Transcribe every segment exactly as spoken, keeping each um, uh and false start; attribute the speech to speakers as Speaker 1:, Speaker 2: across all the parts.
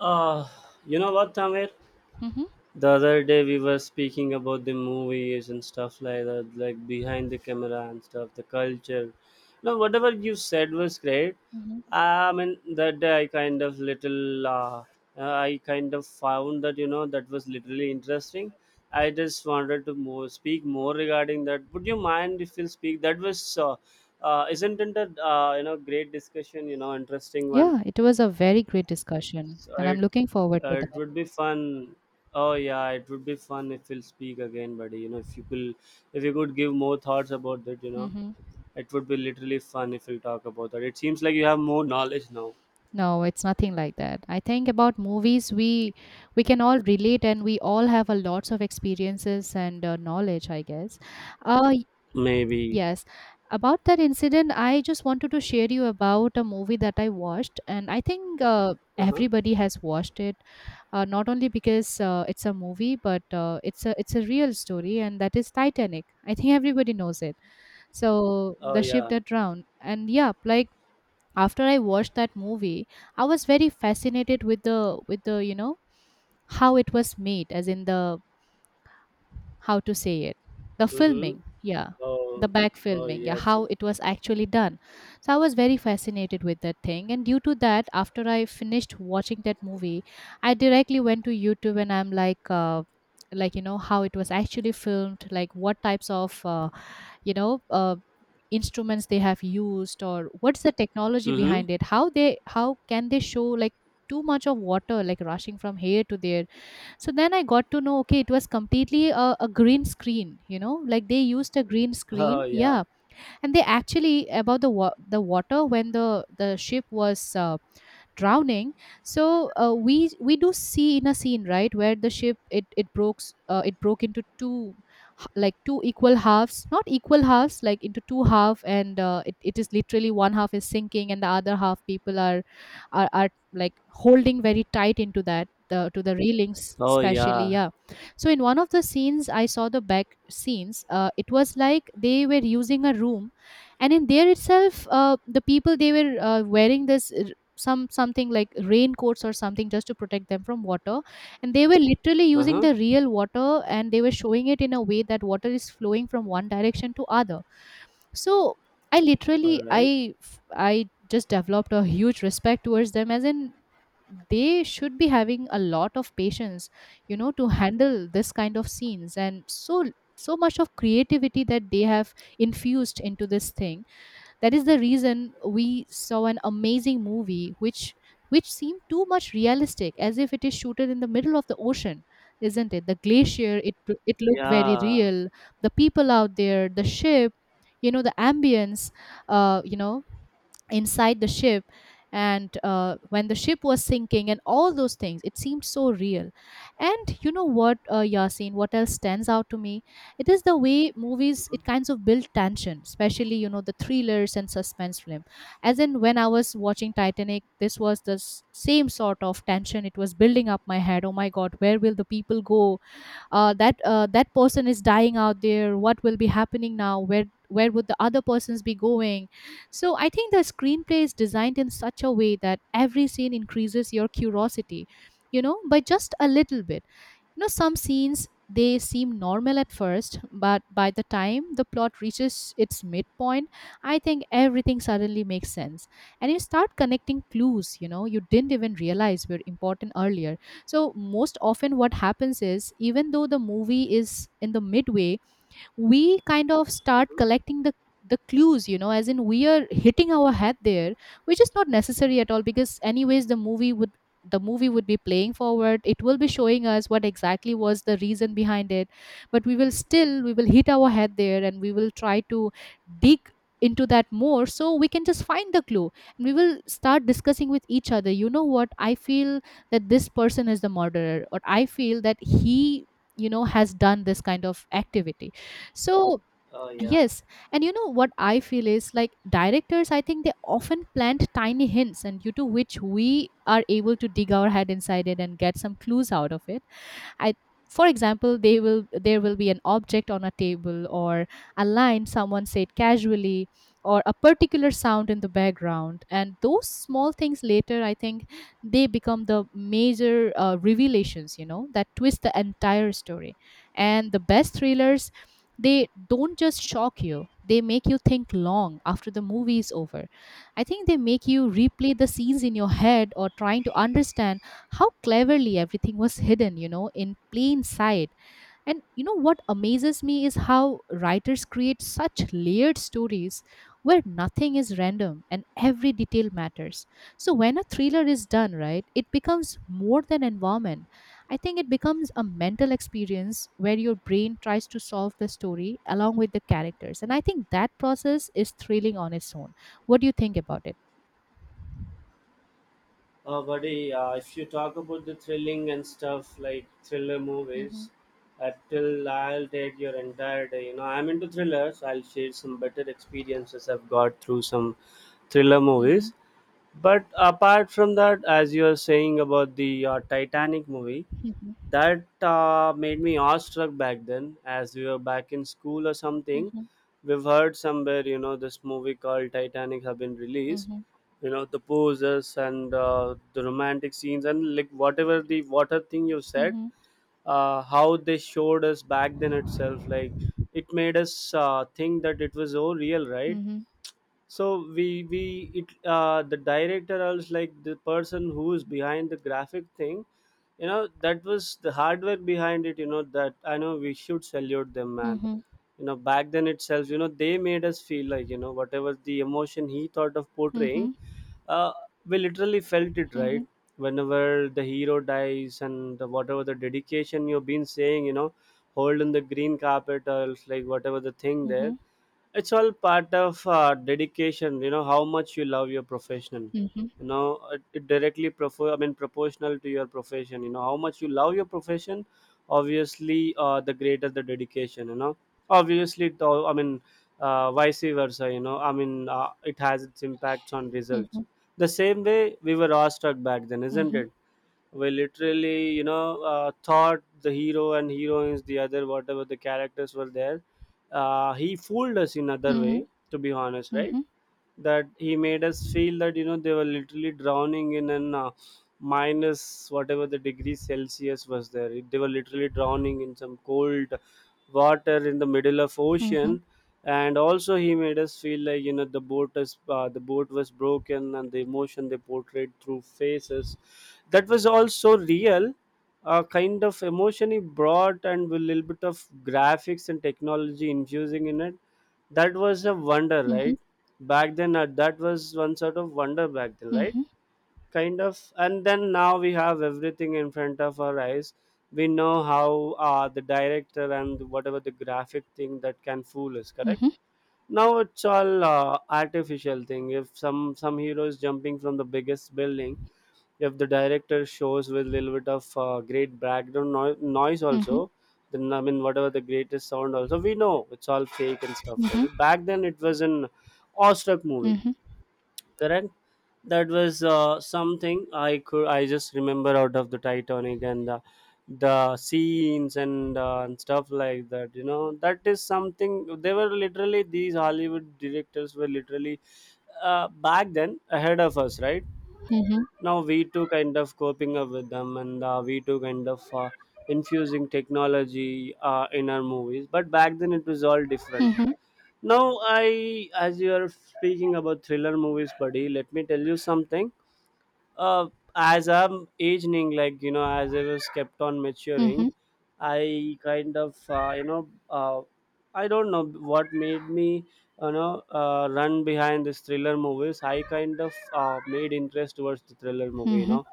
Speaker 1: Uh, you know what, Tamir?
Speaker 2: Mhm.
Speaker 1: The other day we were speaking about the movies and stuff like that, like behind the camera and stuff, the culture. No, whatever you said was great.
Speaker 2: Mhm.
Speaker 1: I mean, that day I kind of little, uh, uh, I kind of found that, you know, that was literally interesting. I just wanted to more, speak more regarding that. Would you mind if you'll speak? That was, uh, uh, isn't it a, uh, you know, great discussion, you know, interesting one?
Speaker 2: Yeah, it was a very great discussion,
Speaker 1: So
Speaker 2: and I'm
Speaker 1: it,
Speaker 2: looking forward to
Speaker 1: uh, it
Speaker 2: that.
Speaker 1: would be fun. Oh yeah, it would be fun if we'll speak again, buddy. You know, if you could, if you could give more thoughts about that, you know,
Speaker 2: Hmm.
Speaker 1: it would be literally fun if we'll talk about that. It seems like you have more knowledge now.
Speaker 2: No, it's nothing like that. I think about movies, we we can all relate, and we all have a lots of experiences and uh, knowledge, I guess. Uh, y-
Speaker 1: Maybe.
Speaker 2: yes. About that incident, I just wanted to share you about a movie that I watched, and I think uh,
Speaker 1: Uh huh.
Speaker 2: everybody has watched it. Uh, not only because uh, it's a movie, but uh, it's a it's a real story, and that is Titanic. I think everybody knows it. So
Speaker 1: Oh
Speaker 2: the ship
Speaker 1: yeah.
Speaker 2: that drowned. And yeah, like after I watched that movie, I was very fascinated with the with the, you know, how it was made, as in the how to say it. The
Speaker 1: Mm-hmm.
Speaker 2: filming, yeah.
Speaker 1: Oh.
Speaker 2: The back
Speaker 1: Oh
Speaker 2: filming, yeah,
Speaker 1: yes. Yeah.
Speaker 2: how it was actually done. So I was very fascinated with that thing. And due to that, after I finished watching that movie, I directly went to YouTube and I'm like uh like you know how it was actually filmed, like what types of uh, you know uh, instruments they have used, or what's the technology
Speaker 1: Mm-hmm.
Speaker 2: behind it, how they how can they show like too much of water like rushing from here to there. So then I got to know, okay, it was completely a, a green screen, you know, like they used a green
Speaker 1: Oh
Speaker 2: screen,
Speaker 1: yeah.
Speaker 2: yeah. And they actually about the wa- the water, when the the ship was uh, drowning, so uh, we we do see in a scene, right, where the ship, it it broke s- uh, it broke into two, h- like two equal halves, not equal halves, like into two half. And uh, it, it is literally one half is sinking and the other half people are are, are like holding very tight into that the, to the railings
Speaker 1: Oh
Speaker 2: especially,
Speaker 1: yeah.
Speaker 2: yeah. So in one of the scenes I saw the back scenes, uh, it was like they were using a room, and in there itself uh, the people they were uh, wearing this, some something like raincoats or something just to protect them from water. And they were literally
Speaker 1: Uh
Speaker 2: using
Speaker 1: huh.
Speaker 2: the real water, and they were showing it in a way that water is flowing from one direction to other. So I literally
Speaker 1: All right.
Speaker 2: I f- I just developed a huge respect towards them, as in they should be having a lot of patience, you know, to handle this kind of scenes. And so, so much of creativity that they have infused into this thing, that is the reason we saw an amazing movie, which which seemed too much realistic, as if it is shooted in the middle of the ocean. Isn't it the glacier, it it looked very
Speaker 1: Yeah.
Speaker 2: real, the people out there, the ship, you know, the ambience, uh, you know, inside the ship. And uh, when the ship was sinking and all those things, it seemed so real. And you know what, uh, Yasin, what else stands out to me, it is the way movies it kinds of build tension, especially, you know, the thrillers and suspense film. As in when I was watching Titanic, this was the s- same sort of tension, it was building up my head, oh my god, where will the people go, uh, that uh, that person is dying out there, what will be happening now, where where would the other persons be going. So I think the screenplay is designed in such a way that every scene increases your curiosity, you know, by just a little bit. You know, some scenes they seem normal at first, but by the time the plot reaches its midpoint, I think everything suddenly makes sense. And you start connecting clues, you know, you didn't even realize were important earlier. So most often, what happens is, even though the movie is in the midway, we kind of start collecting the the clues, you know, as in we are hitting our head there, which is not necessary at all, because anyways the movie would the movie would be playing forward, it will be showing us what exactly was the reason behind it. But we will still we will hit our head there, and we will try to dig into that more, so we can just find the clue. And we will start discussing with each other, you know what I feel, that this person is the murderer, or I feel that he, you know, has done this kind of activity. So,
Speaker 1: Oh yeah.
Speaker 2: yes. And you know what I feel is, like, directors, I think they often plant tiny hints, and due to which we are able to dig our head inside it and get some clues out of it. I For example, they will there will be an object on a table, or a line someone said casually, or a particular sound in the background. And those small things later, I think, they become the major uh, revelations, you know, that twist the entire story. And the best thrillers, they don't just shock you, they make you think long after the movie is over. I think they make you replay the scenes in your head, or trying to understand how cleverly everything was hidden, you know, in plain sight. And you know what amazes me is how writers create such layered stories where nothing is random and every detail matters. So when a thriller is done, right, it becomes more than environment. I think it becomes a mental experience where your brain tries to solve the story along with the characters. And I think that process is thrilling on its own. What do you think about it?
Speaker 1: Uh, buddy, uh, if you talk about the thrilling and stuff like thriller
Speaker 2: Mm-hmm.
Speaker 1: movies, uh, till I'll take your entire day. You know, I'm into thrillers. I'll share some better experiences I've got through some thriller movies. But apart from that, as you are saying about the uh, Titanic movie,
Speaker 2: Mm-hmm.
Speaker 1: that uh, made me awestruck back then, as we were back in school or something.
Speaker 2: Mm-hmm.
Speaker 1: We've heard somewhere, you know this movie called Titanic have been released,
Speaker 2: Mm-hmm.
Speaker 1: you know the poses and uh, the romantic scenes and like whatever the water thing you said.
Speaker 2: Mm-hmm.
Speaker 1: Uh, how they showed us back then itself, like it made us uh, think that it was so real, right?
Speaker 2: Mhm,
Speaker 1: So we we it uh, the director else, like the person who is behind the graphic thing, you know that was the hard work behind it, you know that I know we should salute them, man.
Speaker 2: mhm,
Speaker 1: You know back then itself, you know they made us feel like, you know whatever the emotion he thought of
Speaker 2: mhm,
Speaker 1: portraying,
Speaker 2: mhm,
Speaker 1: uh, we literally felt it, right?
Speaker 2: mhm,
Speaker 1: Whenever the hero dies, and the, whatever the dedication you've been saying, you know holding the green carpet or else like whatever the thing there,
Speaker 2: mhm,
Speaker 1: it's all part of uh, dedication. You know how much you love your profession.
Speaker 2: mhm,
Speaker 1: You know, it, it directly profo- I mean proportional to your profession. You know how much you love your profession. Obviously, uh, the greater the dedication, you know obviously it all, I mean, uh, vice versa. you know I mean, uh, it has its impacts on
Speaker 2: mhm,
Speaker 1: results.
Speaker 2: mhm,
Speaker 1: The same way we were awestruck back then,
Speaker 2: mhm,
Speaker 1: isn't
Speaker 2: mhm,
Speaker 1: it? We literally, you know uh, thought the hero and heroines, the other, whatever the characters were there, uh, he fooled us in other way, to be honest,
Speaker 2: mhm,
Speaker 1: right?
Speaker 2: mhm,
Speaker 1: That he made us feel that, you know they were literally drowning in an uh, minus whatever the degree Celsius was there. It- they were literally drowning in some cold water in the middle of ocean. And also he made us feel like, you know the boat is uh, the boat was broken, and the emotion they portrayed through faces, that was also real. Uh, kind of emotion he brought, and with a little bit of graphics and technology infusing in it, that was a wonder,
Speaker 2: mhm, mhm,
Speaker 1: right? Back then, uh, that was one sort of wonder back then,
Speaker 2: mhm,
Speaker 1: right?
Speaker 2: mhm,
Speaker 1: Kind of. And then now we have everything in front of our eyes. We know how uh, the director and whatever the graphic thing that can fool us. Correct. Now it's all uh, artificial thing. If some some hero is jumping from the biggest building, if the director shows with little bit of uh, great background no- noise
Speaker 2: mhm,
Speaker 1: also,
Speaker 2: mhm,
Speaker 1: then I mean, whatever the greatest sound also, we know it's all fake and stuff like
Speaker 2: mhm,
Speaker 1: that. Back then it was an awestruck
Speaker 2: mhm,
Speaker 1: movie.
Speaker 2: mhm,
Speaker 1: Correct. That was uh, something i could i just remember out of the Titanic and the, the scenes and, uh, and stuff like that. You know that is something, they were literally these Hollywood directors were literally, uh, back then, ahead of us, right? Now we too kind of coping up with them, and uh, we too kind of uh, infusing technology uh, in our movies, but back then it was all different.
Speaker 2: mhm,
Speaker 1: Now, I, as you are speaking about thriller movies, buddy, let me tell you something. uh, as I'm aging, like, you know, as I was kept on
Speaker 2: mhm, mhm, mhm, mhm, mhm, mhm,
Speaker 1: maturing, I kind of uh, you know, uh, I don't know what made me, you know uh, run behind this thriller movies. I kind of uh, made interest towards the thriller
Speaker 2: mhm, mhm, mhm, mhm,
Speaker 1: movie.
Speaker 2: mhm,
Speaker 1: You
Speaker 2: mhm, mhm,
Speaker 1: know,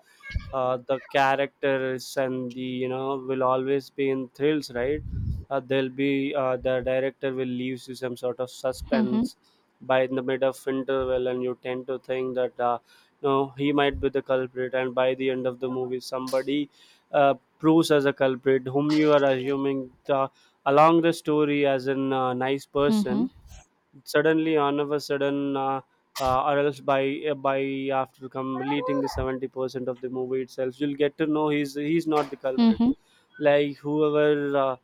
Speaker 1: uh, the characters and the, you know will always be in thrills, right? Uh, there'll be uh, the director will leave you some sort of suspense by in the mid of interval, and you tend to think that. Uh, no, he might be the culprit, and by the end of the movie somebody uh, proves as a culprit whom you are assuming the, along the story as a uh, nice person suddenly, on of a sudden, uh, uh, or else by uh, by after completing the seventy percent of the movie itself, you'll get to know he's he's not the culprit, like whoever uh,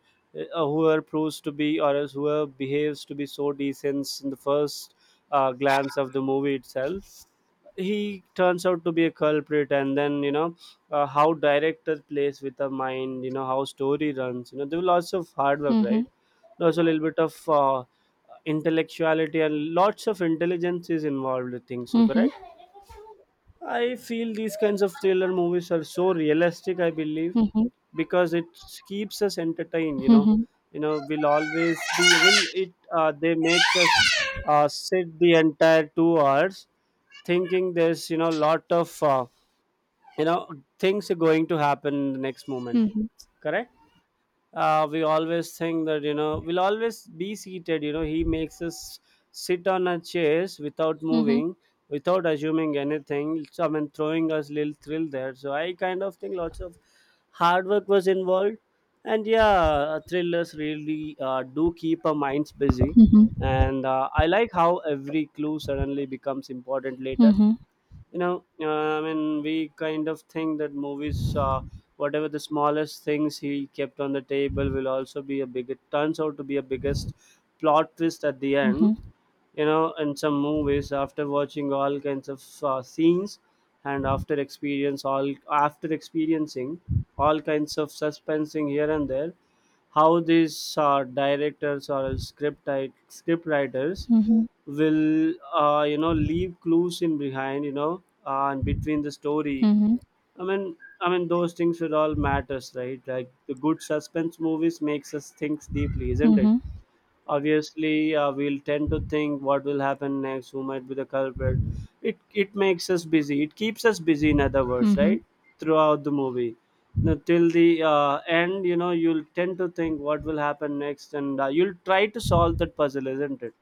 Speaker 1: uh, whoever proves to be, or else whoever behaves to be so decent in the first uh, glance of the movie itself, he turns out to be a culprit. And then, you know uh, how director plays with the mind, you know how story runs. You know there was lots of hard work, right? There's a little bit of uh, intellectuality and lots of intelligence is involved, I think so. Correct. I feel these kinds of thriller movies are so realistic. I believe, because it keeps us entertained. You know, you know, will always be will it. Uh, they makes us uh, sit the entire two hours thinking there's, you know lot of uh, you know things are going to happen in the next moment. Correct. Uh, we always think that, you know we'll always be seated. You know he makes us sit on our chairs without moving, without assuming anything. So, I mean, throwing us little thrill there. So I kind of think lots of hard work was involved. And yeah, uh, thrillers really uh, do keep our minds busy. And uh, I like how every clue suddenly becomes important later, you know uh, I mean, we kind of think that movies, uh, whatever the smallest things he kept on the table will also be a big it turns out to be a biggest plot twist at the end. You know in some movies, after watching all kinds of uh, scenes, and after experience all after experiencing all kinds of suspensing here and there, how these uh, directors or script script writers will uh, you know leave clues in behind, you know uh, and between the story, i mean i mean those things should all matters, right? Like the good suspense movies makes us think deeply, isn't it? Obviously, uh, we'll tend to think what will happen next, who might be the culprit. It it makes us busy, it keeps us busy in other words, right? Throughout the movie. Now, till the uh, end, you know you'll tend to think what will happen next, and uh, you'll try to solve that puzzle, isn't it?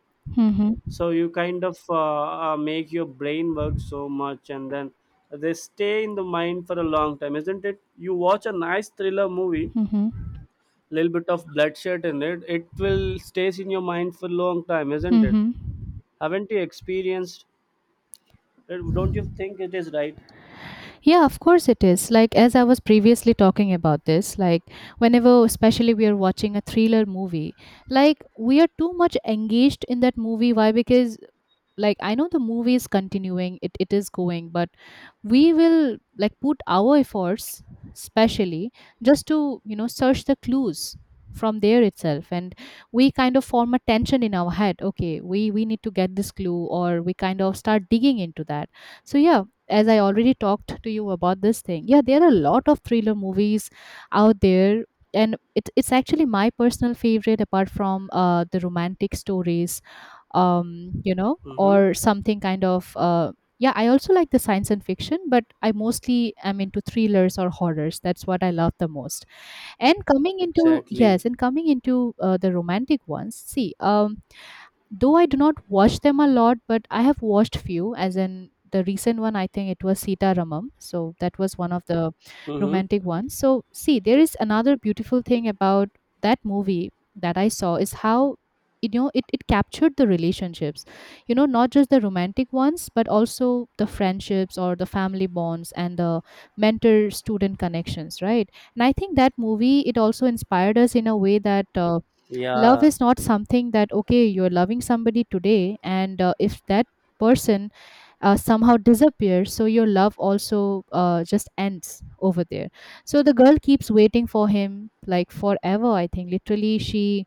Speaker 1: So you kind of uh, uh, make your brain work so much, and then they stay in the mind for a long time, isn't it? You watch a nice thriller movie,
Speaker 2: mhm, mhm, mhm,
Speaker 1: little bit of bloodshed in it it will stays in your mind for long time,
Speaker 2: mhm,
Speaker 1: isn't it?
Speaker 2: mhm.
Speaker 1: Haven't you experienced it? Don't you think it is right?
Speaker 2: Yeah, of course it is. Like, as I was previously talking about this, like, whenever, especially, we are watching a thriller movie, like, we are too much engaged in that movie. Why? Because like I know the movie is continuing, it, it is going, but we will like put our efforts specially just to, you know, search the clues from there itself. And we kind of form a tension in our head, okay, we we need to get this clue, or we kind of start digging into that. So yeah, as I already talked to you about this thing, yeah, there are a lot of thriller movies out there. And it, it's actually my personal favorite, apart from uh, the romantic stories, um, you know,
Speaker 1: Mm-hmm.
Speaker 2: or something kind of. Uh, yeah, I also like the science and fiction, but I mostly am into thrillers or horrors. That's what I love the most. And coming into,
Speaker 1: Exactly.
Speaker 2: yes, and coming into uh, the romantic ones. See, um, though I do not watch them a lot, but I have watched few, as in the recent one, I think it was Sita Ramam. So that was one of the
Speaker 1: Mm-hmm.
Speaker 2: romantic ones. So see, there is another beautiful thing about that movie that I saw, is how, you know, it, it captured the relationships, you know, not just the romantic ones, but also the friendships, or the family bonds, and the mentor student connections, right. And I think that movie it also inspired us in a way that uh, love
Speaker 1: Yeah,
Speaker 2: is not something that, okay, you're loving somebody today and uh, if that person uh, somehow disappears, so your love also uh, just ends over there. So the girl keeps waiting for him like forever, I think literally she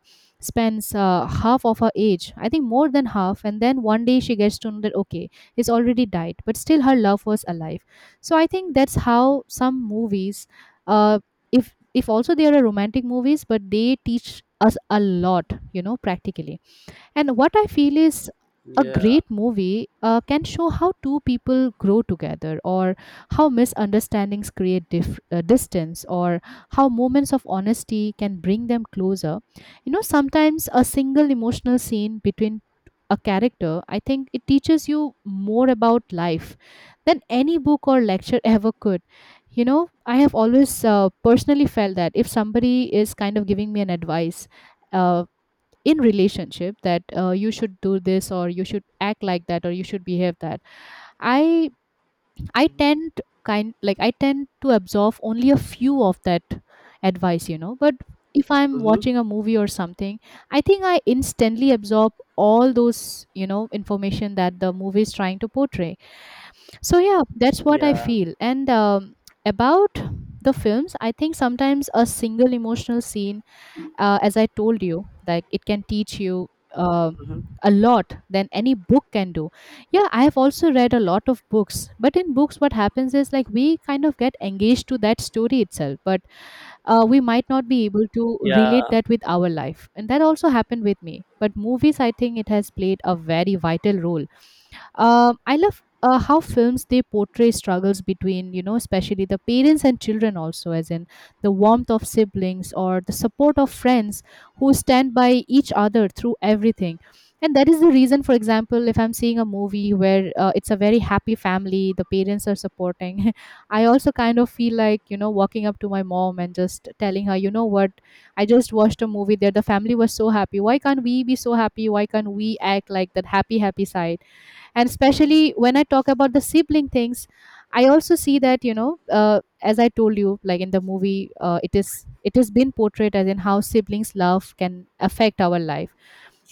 Speaker 2: spends uh, half of her age, I think more than half, and then one day she gets to know that, okay, he's already died, but still her love was alive. So I think that's how some movies, uh, if if also they are romantic movies, but they teach us a lot, you know, practically. And what I feel is a
Speaker 1: yeah.
Speaker 2: great movie uh, can show how two people grow together, or how misunderstandings create dif- uh, distance, or how moments of honesty can bring them closer. You know, sometimes a single emotional scene between a character, I think it teaches you more about life than any book or lecture ever could. You know, I have always uh, personally felt that if somebody is kind of giving me an advice, uh, in relationship that uh, you should do this or you should act like that or you should behave that i i tend kind like i tend to absorb only a few of that advice you know but if I'm
Speaker 1: Mm-hmm.
Speaker 2: watching a movie or something i think i instantly absorb all those you know information that the movie is trying to portray. So yeah, that's what I
Speaker 1: Yeah.
Speaker 2: feel, and um, about the films, I think sometimes a single emotional scene, uh, as I told you, like it can teach you uh,
Speaker 1: Mm-hmm.
Speaker 2: a lot than any book can do. Yeah, I have also read a lot of books, but in books, what happens is like we kind of get engaged to that story itself, but uh, we might not be able to
Speaker 1: Yeah,
Speaker 2: relate that with our life. And that also happened with me. But movies, I think it has played a very vital role. um, I love uh, how films they portray struggles between you know especially the parents and children, also as in the warmth of siblings or the support of friends who stand by each other through everything. And that is the reason, for example, if I'm seeing a movie where uh, it's a very happy family, the parents are supporting, I also kind of feel like, you know, walking up to my mom and just telling her, you know what, I just watched a movie there, the family was so happy, why can't we be so happy, why can't we act like that happy happy side. And especially when I talk about the sibling things, I also see that, you know, uh, as I told you, like in the movie, uh, it is it has been portrayed as in how siblings love can affect our life.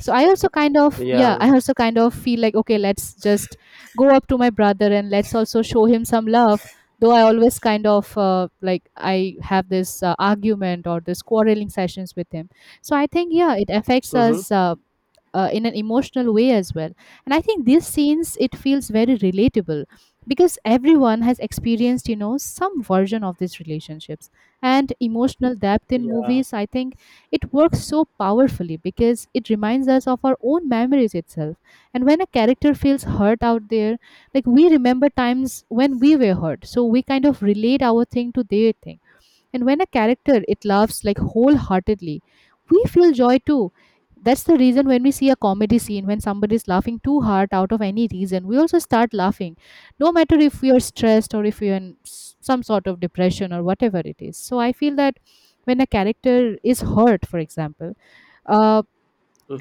Speaker 2: So I also kind of, yeah,
Speaker 1: yeah.
Speaker 2: I also kind of feel like, okay, let's just go up to my brother and let's also show him some love, though I always kind of uh, like i have this uh, argument or this quarreling sessions with him. So I think yeah, it affects
Speaker 1: Mm-hmm.
Speaker 2: us uh, uh, in an emotional way as well. And I think these scenes, it feels very relatable because everyone has experienced, you know, some version of these relationships. And emotional depth in
Speaker 1: Yeah.
Speaker 2: movies, I think it works so powerfully because it reminds us of our own memories itself. And when a character feels hurt out there, like we remember times when we were hurt, so we kind of relate our thing to their thing. And when a character it loves like wholeheartedly, we feel joy too. That's the reason when we see a comedy scene, when somebody is laughing too hard out of any reason, we also start laughing, no matter if we are stressed or if we are in s- some sort of depression or whatever it is. So I feel that when a character is hurt, for example, uh,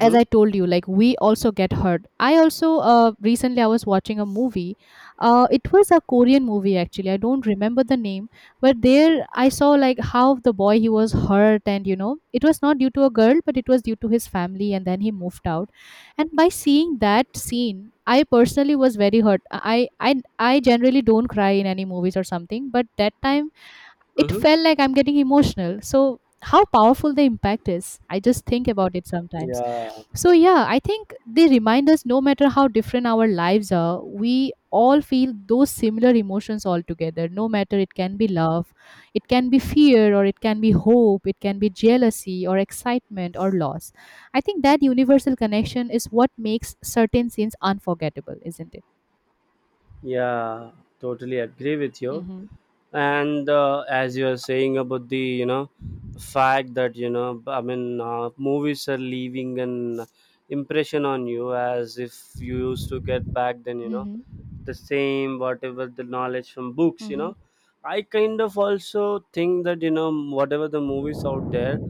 Speaker 2: as I told you, like we also get hurt. I also uh, recently I was watching a movie. Uh, it was a Korean movie actually. I don't remember the name, but there I saw like how the boy he was hurt, and you know it was not due to a girl, but it was due to his family, and then he moved out. And by seeing that scene, I personally was very hurt. I I I generally don't cry in any movies or something, but that time it
Speaker 1: Mm-hmm.
Speaker 2: felt like I'm getting emotional. So how powerful the impact is. I just think about it sometimes.
Speaker 1: Yeah.
Speaker 2: So yeah, I think they remind us, no matter how different our lives are, we all feel those similar emotions all together. No matter, it can be love, it can be fear, or it can be hope, it can be jealousy, or excitement, or loss. I think that universal connection is what makes certain scenes unforgettable, isn't it?
Speaker 1: Yeah, totally agree with you.
Speaker 2: Mm-hmm.
Speaker 1: And uh, as you are saying about the, you know fact that, you know b- I mean, uh, movies are leaving an impression on you, as if you used to get back then, you know the
Speaker 2: Mm-hmm.
Speaker 1: same, whatever the knowledge from books, you
Speaker 2: Mm-hmm.
Speaker 1: know I kind of also think that, you know whatever the movies out there,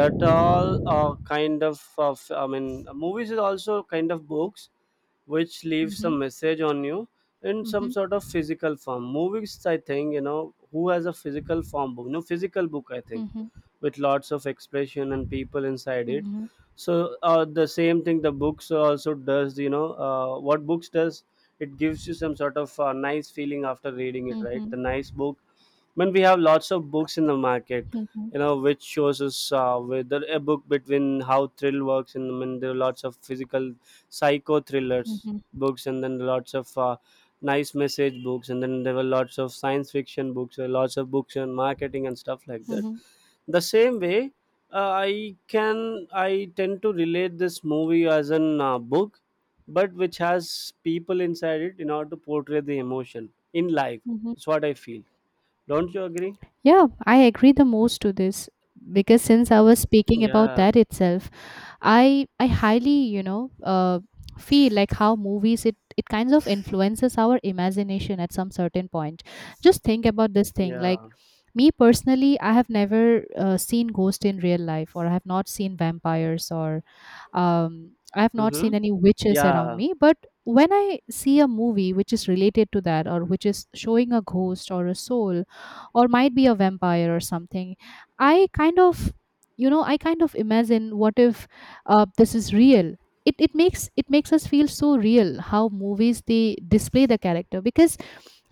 Speaker 1: that all are kind of of I mean, movies is also kind of books which leaves a
Speaker 2: Mm-hmm.
Speaker 1: message on you in some sort
Speaker 2: Mm-hmm.
Speaker 1: of physical form. Movies, I think, you know, who has a physical form book? No, physical book, I think,
Speaker 2: Mm-hmm.
Speaker 1: with lots of expression and people inside it.
Speaker 2: Mm-hmm.
Speaker 1: So uh, the same thing the books also does, you know, uh, what books does, it gives you some sort of uh, nice feeling after reading it, right?
Speaker 2: Mm-hmm.
Speaker 1: The nice book when we have lots of books in the market you
Speaker 2: Mm-hmm.
Speaker 1: know which shows us uh, whether a book between how thrill works, and when there are lots of physical psycho thrillers
Speaker 2: Mm-hmm.
Speaker 1: books, and then lots of uh, nice message books, and then there were lots of science fiction books, there were lots of books on marketing and stuff like that. The same way, uh, i can i tend to relate this movie as an uh, book, but which has people inside it in order to portray the emotion in life.
Speaker 2: Mm-hmm.
Speaker 1: It's what I feel. Don't you agree?
Speaker 2: Yeah, I agree the most to this because since I was speaking about
Speaker 1: Yeah.
Speaker 2: that itself, I I highly you know uh, feel like how movies it it kinds of influences our imagination at some certain point. Just think about this thing
Speaker 1: Yeah.
Speaker 2: like. Me personally, I have never uh, seen ghost in real life, or I have not seen vampires, or um, I have not
Speaker 1: Mm-hmm.
Speaker 2: seen any witches around
Speaker 1: Yeah.
Speaker 2: me, but when I see a movie which is related to that or which is showing a ghost or a soul or might be a vampire or something, I kind of, you know, I kind of imagine what if uh, this is real. It, it makes, it makes us feel so real how movies they display the character. Because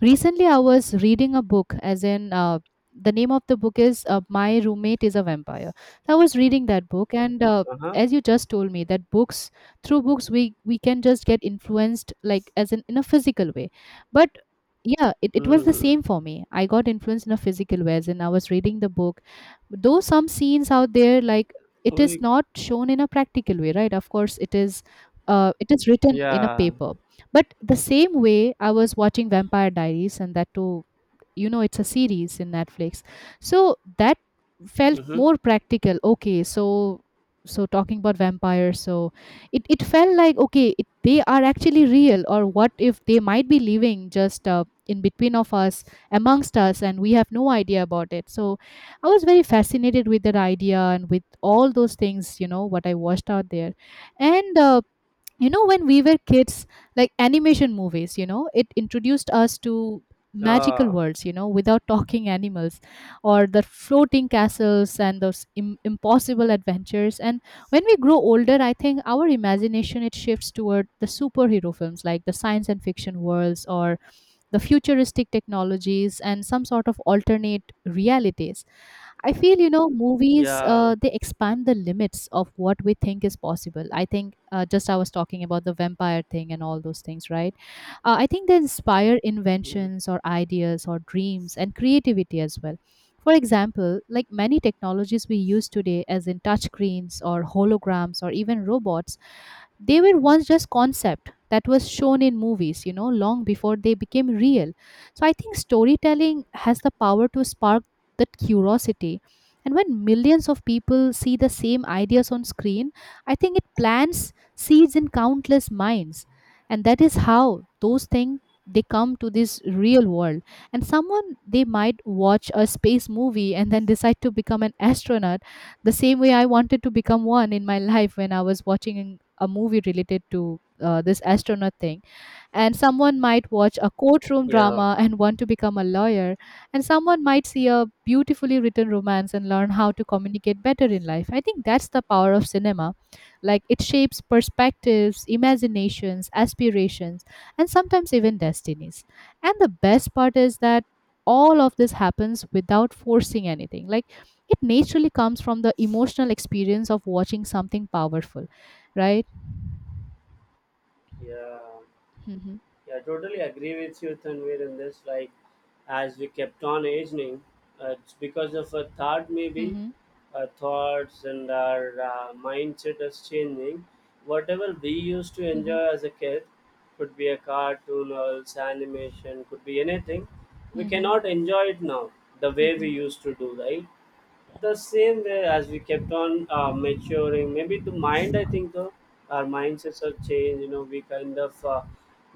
Speaker 2: recently I was reading a book as in uh, the name of the book is uh, My Roommate is a Vampire. So I was reading that book, and uh,
Speaker 1: Uh-huh.
Speaker 2: as you just told me that books, through books we we can just get influenced like as in in a physical way, but yeah, it, it was the
Speaker 1: Mm.
Speaker 2: same for me, I got influenced in a physical way as in I was reading the book, though some scenes out there like it is
Speaker 1: We,
Speaker 2: not shown in a practical way, right, of course it is, uh, it is written in a
Speaker 1: yeah.
Speaker 2: paper. But the same way I was watching Vampire Diaries, and that too, you know, it's a series in Netflix, so that felt
Speaker 1: Mm-hmm.
Speaker 2: more practical, okay. So so talking about vampires, so it, it felt like, okay, it, they are actually real, or what if they might be living just uh, in between of us, amongst us, and we have no idea about it. So I was very fascinated with that idea and with all those things, you know what I watched out there. And uh, you know, when we were kids, like animation movies, you know, it introduced us to magical
Speaker 1: Uh,
Speaker 2: worlds, you know, without talking animals or the floating castles and those Im- impossible adventures. And when we grow older, I think our imagination, it shifts toward the superhero films, like the science and fiction worlds or the futuristic technologies and some sort of alternate realities. I feel, you know, movies,
Speaker 1: yeah.
Speaker 2: uh, they expand the limits of what we think is possible. I think uh, just I was talking about the vampire thing and all those things, right? Uh, I think they inspire
Speaker 1: Mm.
Speaker 2: inventions or ideas or dreams and creativity as well. For example, like many technologies we use today, as in touchscreens or holograms or even robots, they were once just concept that was shown in movies, you know, long before they became real. So I think storytelling has the power to spark that curiosity. And when millions of people see the same ideas on screen, I think it plants seeds in countless minds. And that is how those things they come to this real world. And someone they might watch a space movie and then decide to become an astronaut, the same way I wanted to become one in my life when I was watching a movie related to uh, this astronaut thing. And someone might watch a courtroom
Speaker 1: Yeah.
Speaker 2: drama and want to become a lawyer, and someone might see a beautifully written romance and learn how to communicate better in life. I think that's the power of cinema. Like it shapes perspectives, imaginations, aspirations, and sometimes even destinies. And the best part is that all of this happens without forcing anything. Like it naturally comes from the emotional experience of watching something powerful, right?
Speaker 1: Yeah.
Speaker 2: Mhm,
Speaker 1: Yeah, I totally agree with you, Tanvir, in this. Like, as we kept on aging, uh, it's because of a thought, maybe,
Speaker 2: mhm,
Speaker 1: our thoughts and our uh, mindset is changing. Whatever we used to
Speaker 2: mhm,
Speaker 1: enjoy as a kid, could be a cartoon, or else animation, could be anything, we
Speaker 2: mhm,
Speaker 1: cannot enjoy it now the
Speaker 2: mhm,
Speaker 1: way we
Speaker 2: mhm,
Speaker 1: used to do, right? The same way, as we kept on uh, maturing, maybe the mind, I think, though our mindsets are changed, you know we kind of, uh,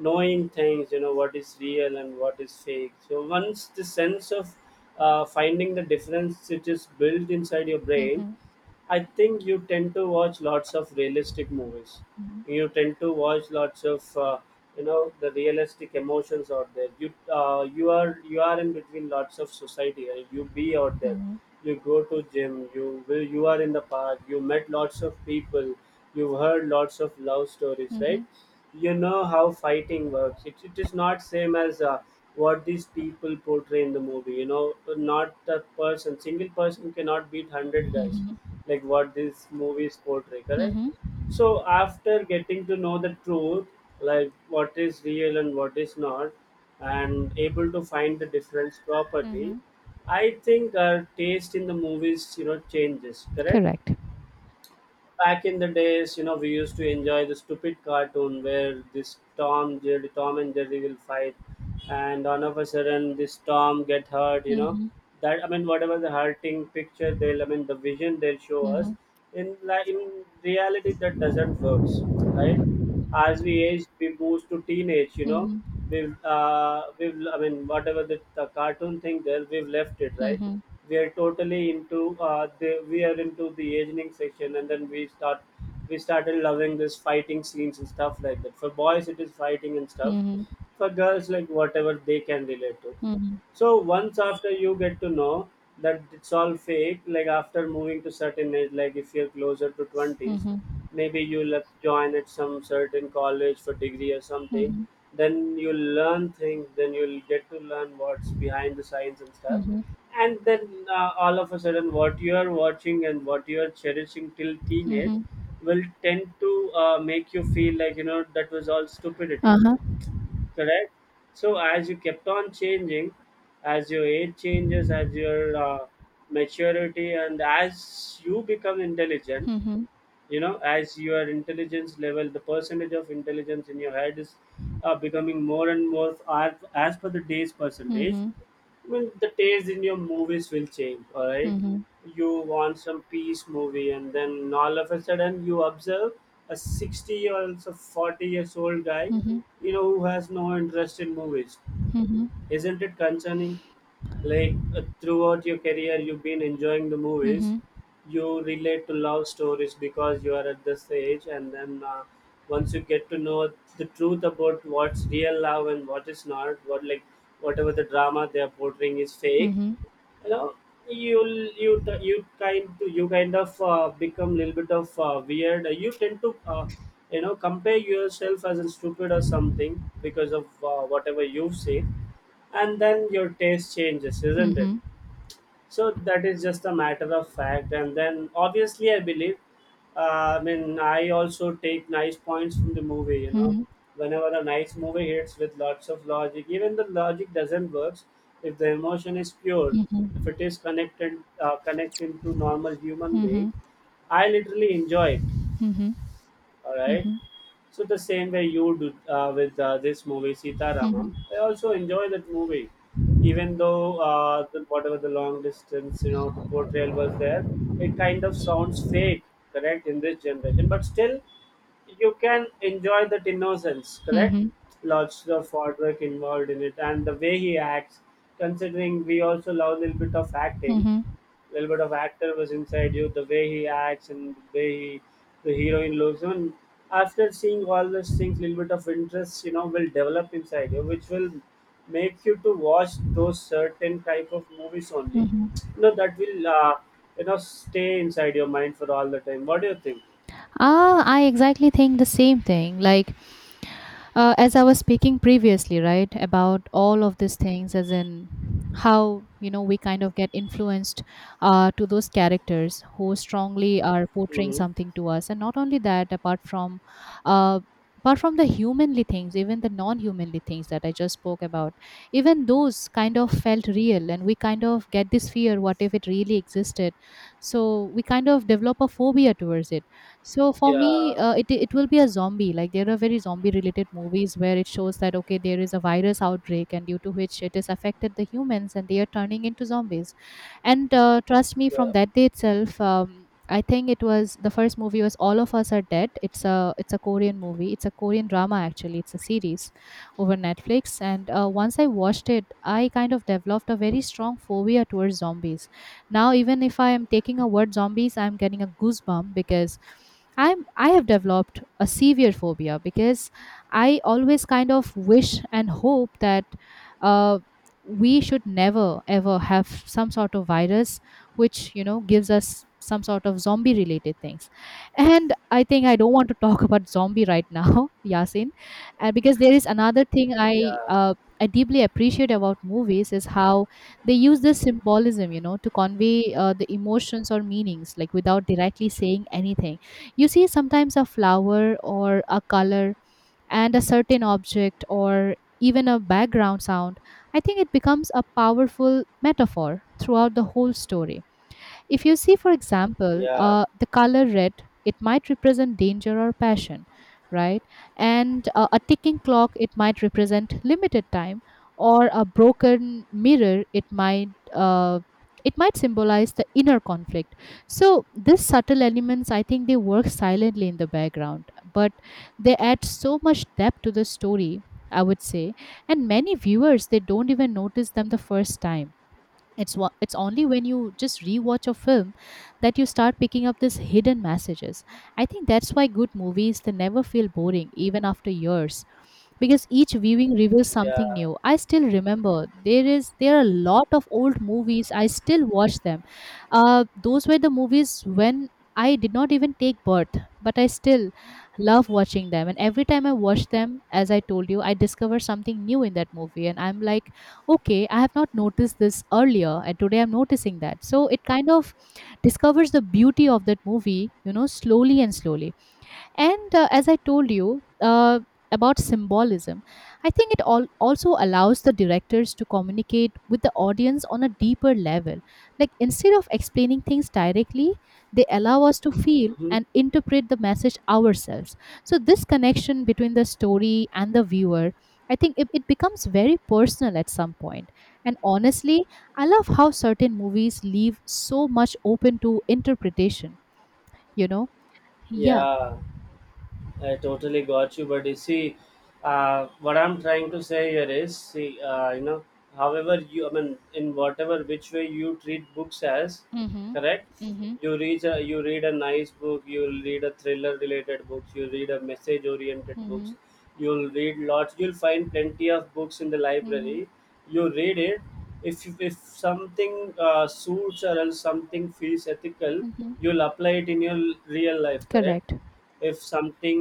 Speaker 1: knowing things, you know what is real and what is fake. So once the sense of uh, finding the difference, it is built inside your brain,
Speaker 2: mhm,
Speaker 1: I think you tend to watch lots of realistic movies.
Speaker 2: mhm,
Speaker 1: You tend to watch lots of uh, you know the realistic emotions out there. You uh, you are you are in between lots of society. uh, You be out there. You go to gym. You will. You are in the park. You met lots of people. You've heard lots of love stories,
Speaker 2: mhm, mhm,
Speaker 1: right? You know how fighting works. It, it is not same as uh, what these people portray in the movie. You know, not a person, single person cannot beat hundred guys like what these movies portray, correct?
Speaker 2: mhm,
Speaker 1: So after getting to know the truth, like what is real and what is not, and able to find the difference properly,
Speaker 2: mhm.
Speaker 1: I think our taste in the movies you know changes, correct?
Speaker 2: Correct.
Speaker 1: Back in the days, you know, we used to enjoy the stupid cartoon where this Tom Jerry, Tom and Jerry will fight, and all of a sudden this Tom get hurt. You know,
Speaker 2: Mhm,
Speaker 1: that, I mean, whatever the hurting picture they'll, I mean, the vision they'll show us
Speaker 2: mhm,
Speaker 1: in, like, in reality, that doesn't works, right? As we age, we boost to teenage. You know,
Speaker 2: mhm,
Speaker 1: we've uh, we've, I mean, whatever the, the cartoon thing there, we've left it,
Speaker 2: mhm,
Speaker 1: right.
Speaker 2: mhm,
Speaker 1: We are totally into uh, the we are into the aging section, and then we start we started loving this fighting scenes and stuff like that. For boys, it is fighting and stuff.
Speaker 2: mhm,
Speaker 1: For girls, like whatever they can relate to.
Speaker 2: mhm,
Speaker 1: So once after you get to know that it's all fake, like after moving to certain age, like if you're closer to
Speaker 2: mhm,
Speaker 1: twenties,
Speaker 2: mhm,
Speaker 1: maybe you'll have join at some certain college for degree or something. Then you'll learn things. Then you'll get to learn what's behind the science and stuff. And then uh, all of a sudden, what you are watching and what you are cherishing till teenage
Speaker 2: mhm.
Speaker 1: will tend to uh, make you feel like you know that was all stupidity,
Speaker 2: Uh huh.
Speaker 1: correct? So as you kept on changing, as your age changes, as your uh, maturity, and as you become intelligent,
Speaker 2: Mhm,
Speaker 1: you know as your intelligence level, the percentage of intelligence in your head is uh, becoming more and more as, as per the day's percentage,
Speaker 2: mhm,
Speaker 1: I mean, the taste in your movies will change, alright?
Speaker 2: mhm,
Speaker 1: You want some peace movie, and then all of a sudden you observe a sixty or else forty years old guy,
Speaker 2: mhm, mhm,
Speaker 1: you know, who has no interest in movies.
Speaker 2: mhm, mhm,
Speaker 1: Isn't it concerning? Like, uh, throughout your career, you've been enjoying the movies.
Speaker 2: mhm,
Speaker 1: You relate to love stories because you are at this age, and then uh, once you get to know the truth about what's real love and what is not, what, like whatever the drama they are portraying is
Speaker 2: mhm, mhm,
Speaker 1: fake,
Speaker 2: mhm,
Speaker 1: you know you'll you you kind you kind of uh, become a little bit of uh, weird. You tend to uh, you know compare yourself as a stupid or something because of uh, whatever you've seen, and then your taste changes,
Speaker 2: mhm,
Speaker 1: isn't it?
Speaker 2: mhm,
Speaker 1: So that is just a matter of fact, and then obviously I believe, uh, I mean, I also take nice points from the movie, you know whenever a nice movie hits with lots of logic. Even the logic doesn't work. If the emotion is pure, if it is connected uh, connecting to normal human being, I literally enjoy it. All right.
Speaker 2: mhm,
Speaker 1: So the same way you do uh, with uh, this movie Sita Ramam, I also enjoy that movie, even though uh, the, whatever the long distance you know the portrayal was there, it kind of sounds fake, correct, in this generation, but still you can enjoy that innocence, correct? Lots of hard work involved in it, and the way he acts, considering we also love a little bit of
Speaker 2: mhm,
Speaker 1: acting,
Speaker 2: mhm,
Speaker 1: little bit of actor was inside you, the way he acts, and the way he, the heroine looks. And after seeing all these things, little bit of interest, you know, will develop inside you, which will make you to watch those certain type of movies only.
Speaker 2: mhm.
Speaker 1: You know, that will, uh, you know, stay inside your mind for all the time. What do you think?
Speaker 2: Ah, I exactly think the same thing. Like uh, as I was speaking previously, right, about all of these things, as in how, you know, we kind of get influenced uh, to those characters who strongly are portraying
Speaker 1: Mm-hmm.
Speaker 2: something to us. And not only that, apart from uh, apart from the humanly things, even the non-humanly things that I just spoke about, even those kind of felt real, and we kind of get this fear: what if it really existed? So we kind of develop a phobia towards it. So for me,
Speaker 1: Yeah,
Speaker 2: uh, it it will be a zombie. Like there are very zombie related movies where it shows that okay, there is a virus outbreak, and due to which it has affected the humans, and they are turning into zombies. And uh, trust me,
Speaker 1: yeah,
Speaker 2: from that day itself, um, I think it was the first movie was All of Us Are Dead. It's a it's a Korean movie. It's a Korean drama actually. It's a series over Netflix. And uh, once I watched it, I kind of developed a very strong phobia towards zombies. Now, even if I am taking a word zombies, I'm getting a goosebump because I'm I have developed a severe phobia because I always kind of wish and hope that uh, we should never ever have some sort of virus which, you know, gives us some sort of zombie related things. And I think I don't want to talk about zombie right now, Yasin. And because there is another thing i
Speaker 1: yeah,
Speaker 2: uh, i deeply appreciate about movies is how they use this symbolism, you know, to convey uh, the emotions or meanings, like without directly saying anything. You see, sometimes a flower or a color and a certain object or even a background sound, I think it becomes a powerful metaphor throughout the whole story. If you see, for example,
Speaker 1: yeah,
Speaker 2: uh, the color red, it might represent danger or passion, right? And uh, a ticking clock, it might represent limited time, or a broken mirror, it might. Uh, it might symbolize the inner conflict. So these subtle elements, I think they work silently in the background, but they add so much depth to the story, I would say. And many viewers they don't even notice them the first time. It's wa- it's only when you just rewatch a film that you start picking up these hidden messages. I think that's why good movies they never feel boring even after years, because each viewing reveals something
Speaker 1: yeah,
Speaker 2: new. I still remember there is there are a lot of old movies. I still watch them. Uh, those were the movies when I did not even take birth, but I still love watching them. And every time I watch them, as I told you, I discover something new in that movie, and I'm like, okay, I have not noticed this earlier, and today I'm noticing that. So it kind of discovers the beauty of that movie, you know, slowly and slowly. And uh, as I told you uh, about symbolism, I think it all also allows the directors to communicate with the audience on a deeper level. Like instead of explaining things directly, they allow us to feel
Speaker 1: hmm,
Speaker 2: and interpret the message ourselves. So this connection between the story and the viewer. I think it, it becomes very personal at some point. And honestly, I love how certain movies leave so much open to interpretation, you know? Yeah.
Speaker 1: yeah. I totally got you, but you see, uh, what I'm trying to say here is, see, uh, you know, however you, I mean, in whatever which way you treat books as,
Speaker 2: Mm-hmm.
Speaker 1: correct?
Speaker 2: Mm-hmm.
Speaker 1: You read a, you read a nice book, you'll read a thriller-related books, you read a message-oriented books,
Speaker 2: Mhm,
Speaker 1: you'll read lots, you'll find plenty of books in the
Speaker 2: mhm,
Speaker 1: library. You read it. If if something uh, suits or else something feels ethical,
Speaker 2: mhm.
Speaker 1: you'll apply it in your real life, correct?
Speaker 2: Correct.
Speaker 1: If something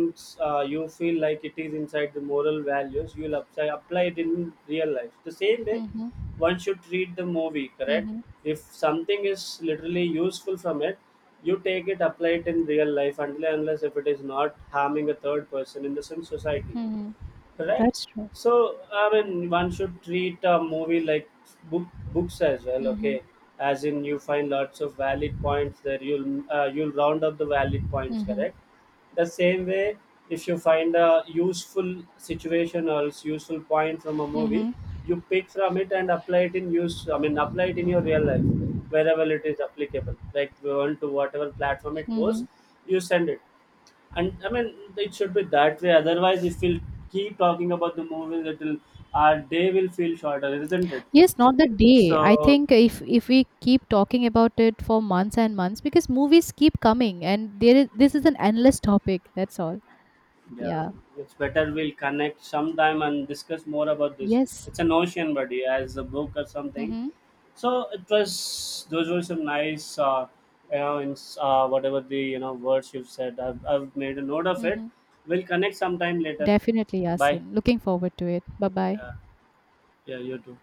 Speaker 1: uh, you feel like it is inside the moral values, you'll apply, apply it in real life, the same way
Speaker 2: Mhm,
Speaker 1: one should treat the movie, correct?
Speaker 2: mhm,
Speaker 1: If something is literally useful from it, you take it, apply it in real life, until and unless if it is not harming a third person in the same society.
Speaker 2: mhm.
Speaker 1: Right.
Speaker 2: That's true.
Speaker 1: So I mean, one should treat a movie like book books as well. Okay,
Speaker 2: Mhm,
Speaker 1: as in you find lots of valid points there. You'll uh, you'll round up the valid points.
Speaker 2: mhm,
Speaker 1: Correct. The same way, if you find a useful situation or else useful point from a movie,
Speaker 2: mhm,
Speaker 1: you pick from it, and apply it in use. I mean, apply it in your real life wherever it is applicable. Like on to whatever platform it goes,
Speaker 2: mhm.
Speaker 1: you send it. And I mean, it should be that way. Otherwise, if we'll keep talking about the movies, it will our day will feel shorter, isn't it?
Speaker 2: Yes, not the day. I
Speaker 1: So
Speaker 2: think if if we keep talking about it for months and months, because movies keep coming, and there is this is an endless topic. That's all.
Speaker 1: yeah,
Speaker 2: Yeah.
Speaker 1: it's better we'll connect sometime and discuss more about this.
Speaker 2: Yes.
Speaker 1: It's an ocean buddy, as a book or something.
Speaker 2: Mhm,
Speaker 1: So it was those were some nice, uh, you know, in, uh, whatever the you know words you've said. I've, I've made a note of it.
Speaker 2: mhm.
Speaker 1: We'll connect sometime later.
Speaker 2: Definitely,
Speaker 1: Bye.
Speaker 2: Yasin. Looking forward to it. Bye bye.
Speaker 1: Yeah, yeah, you too.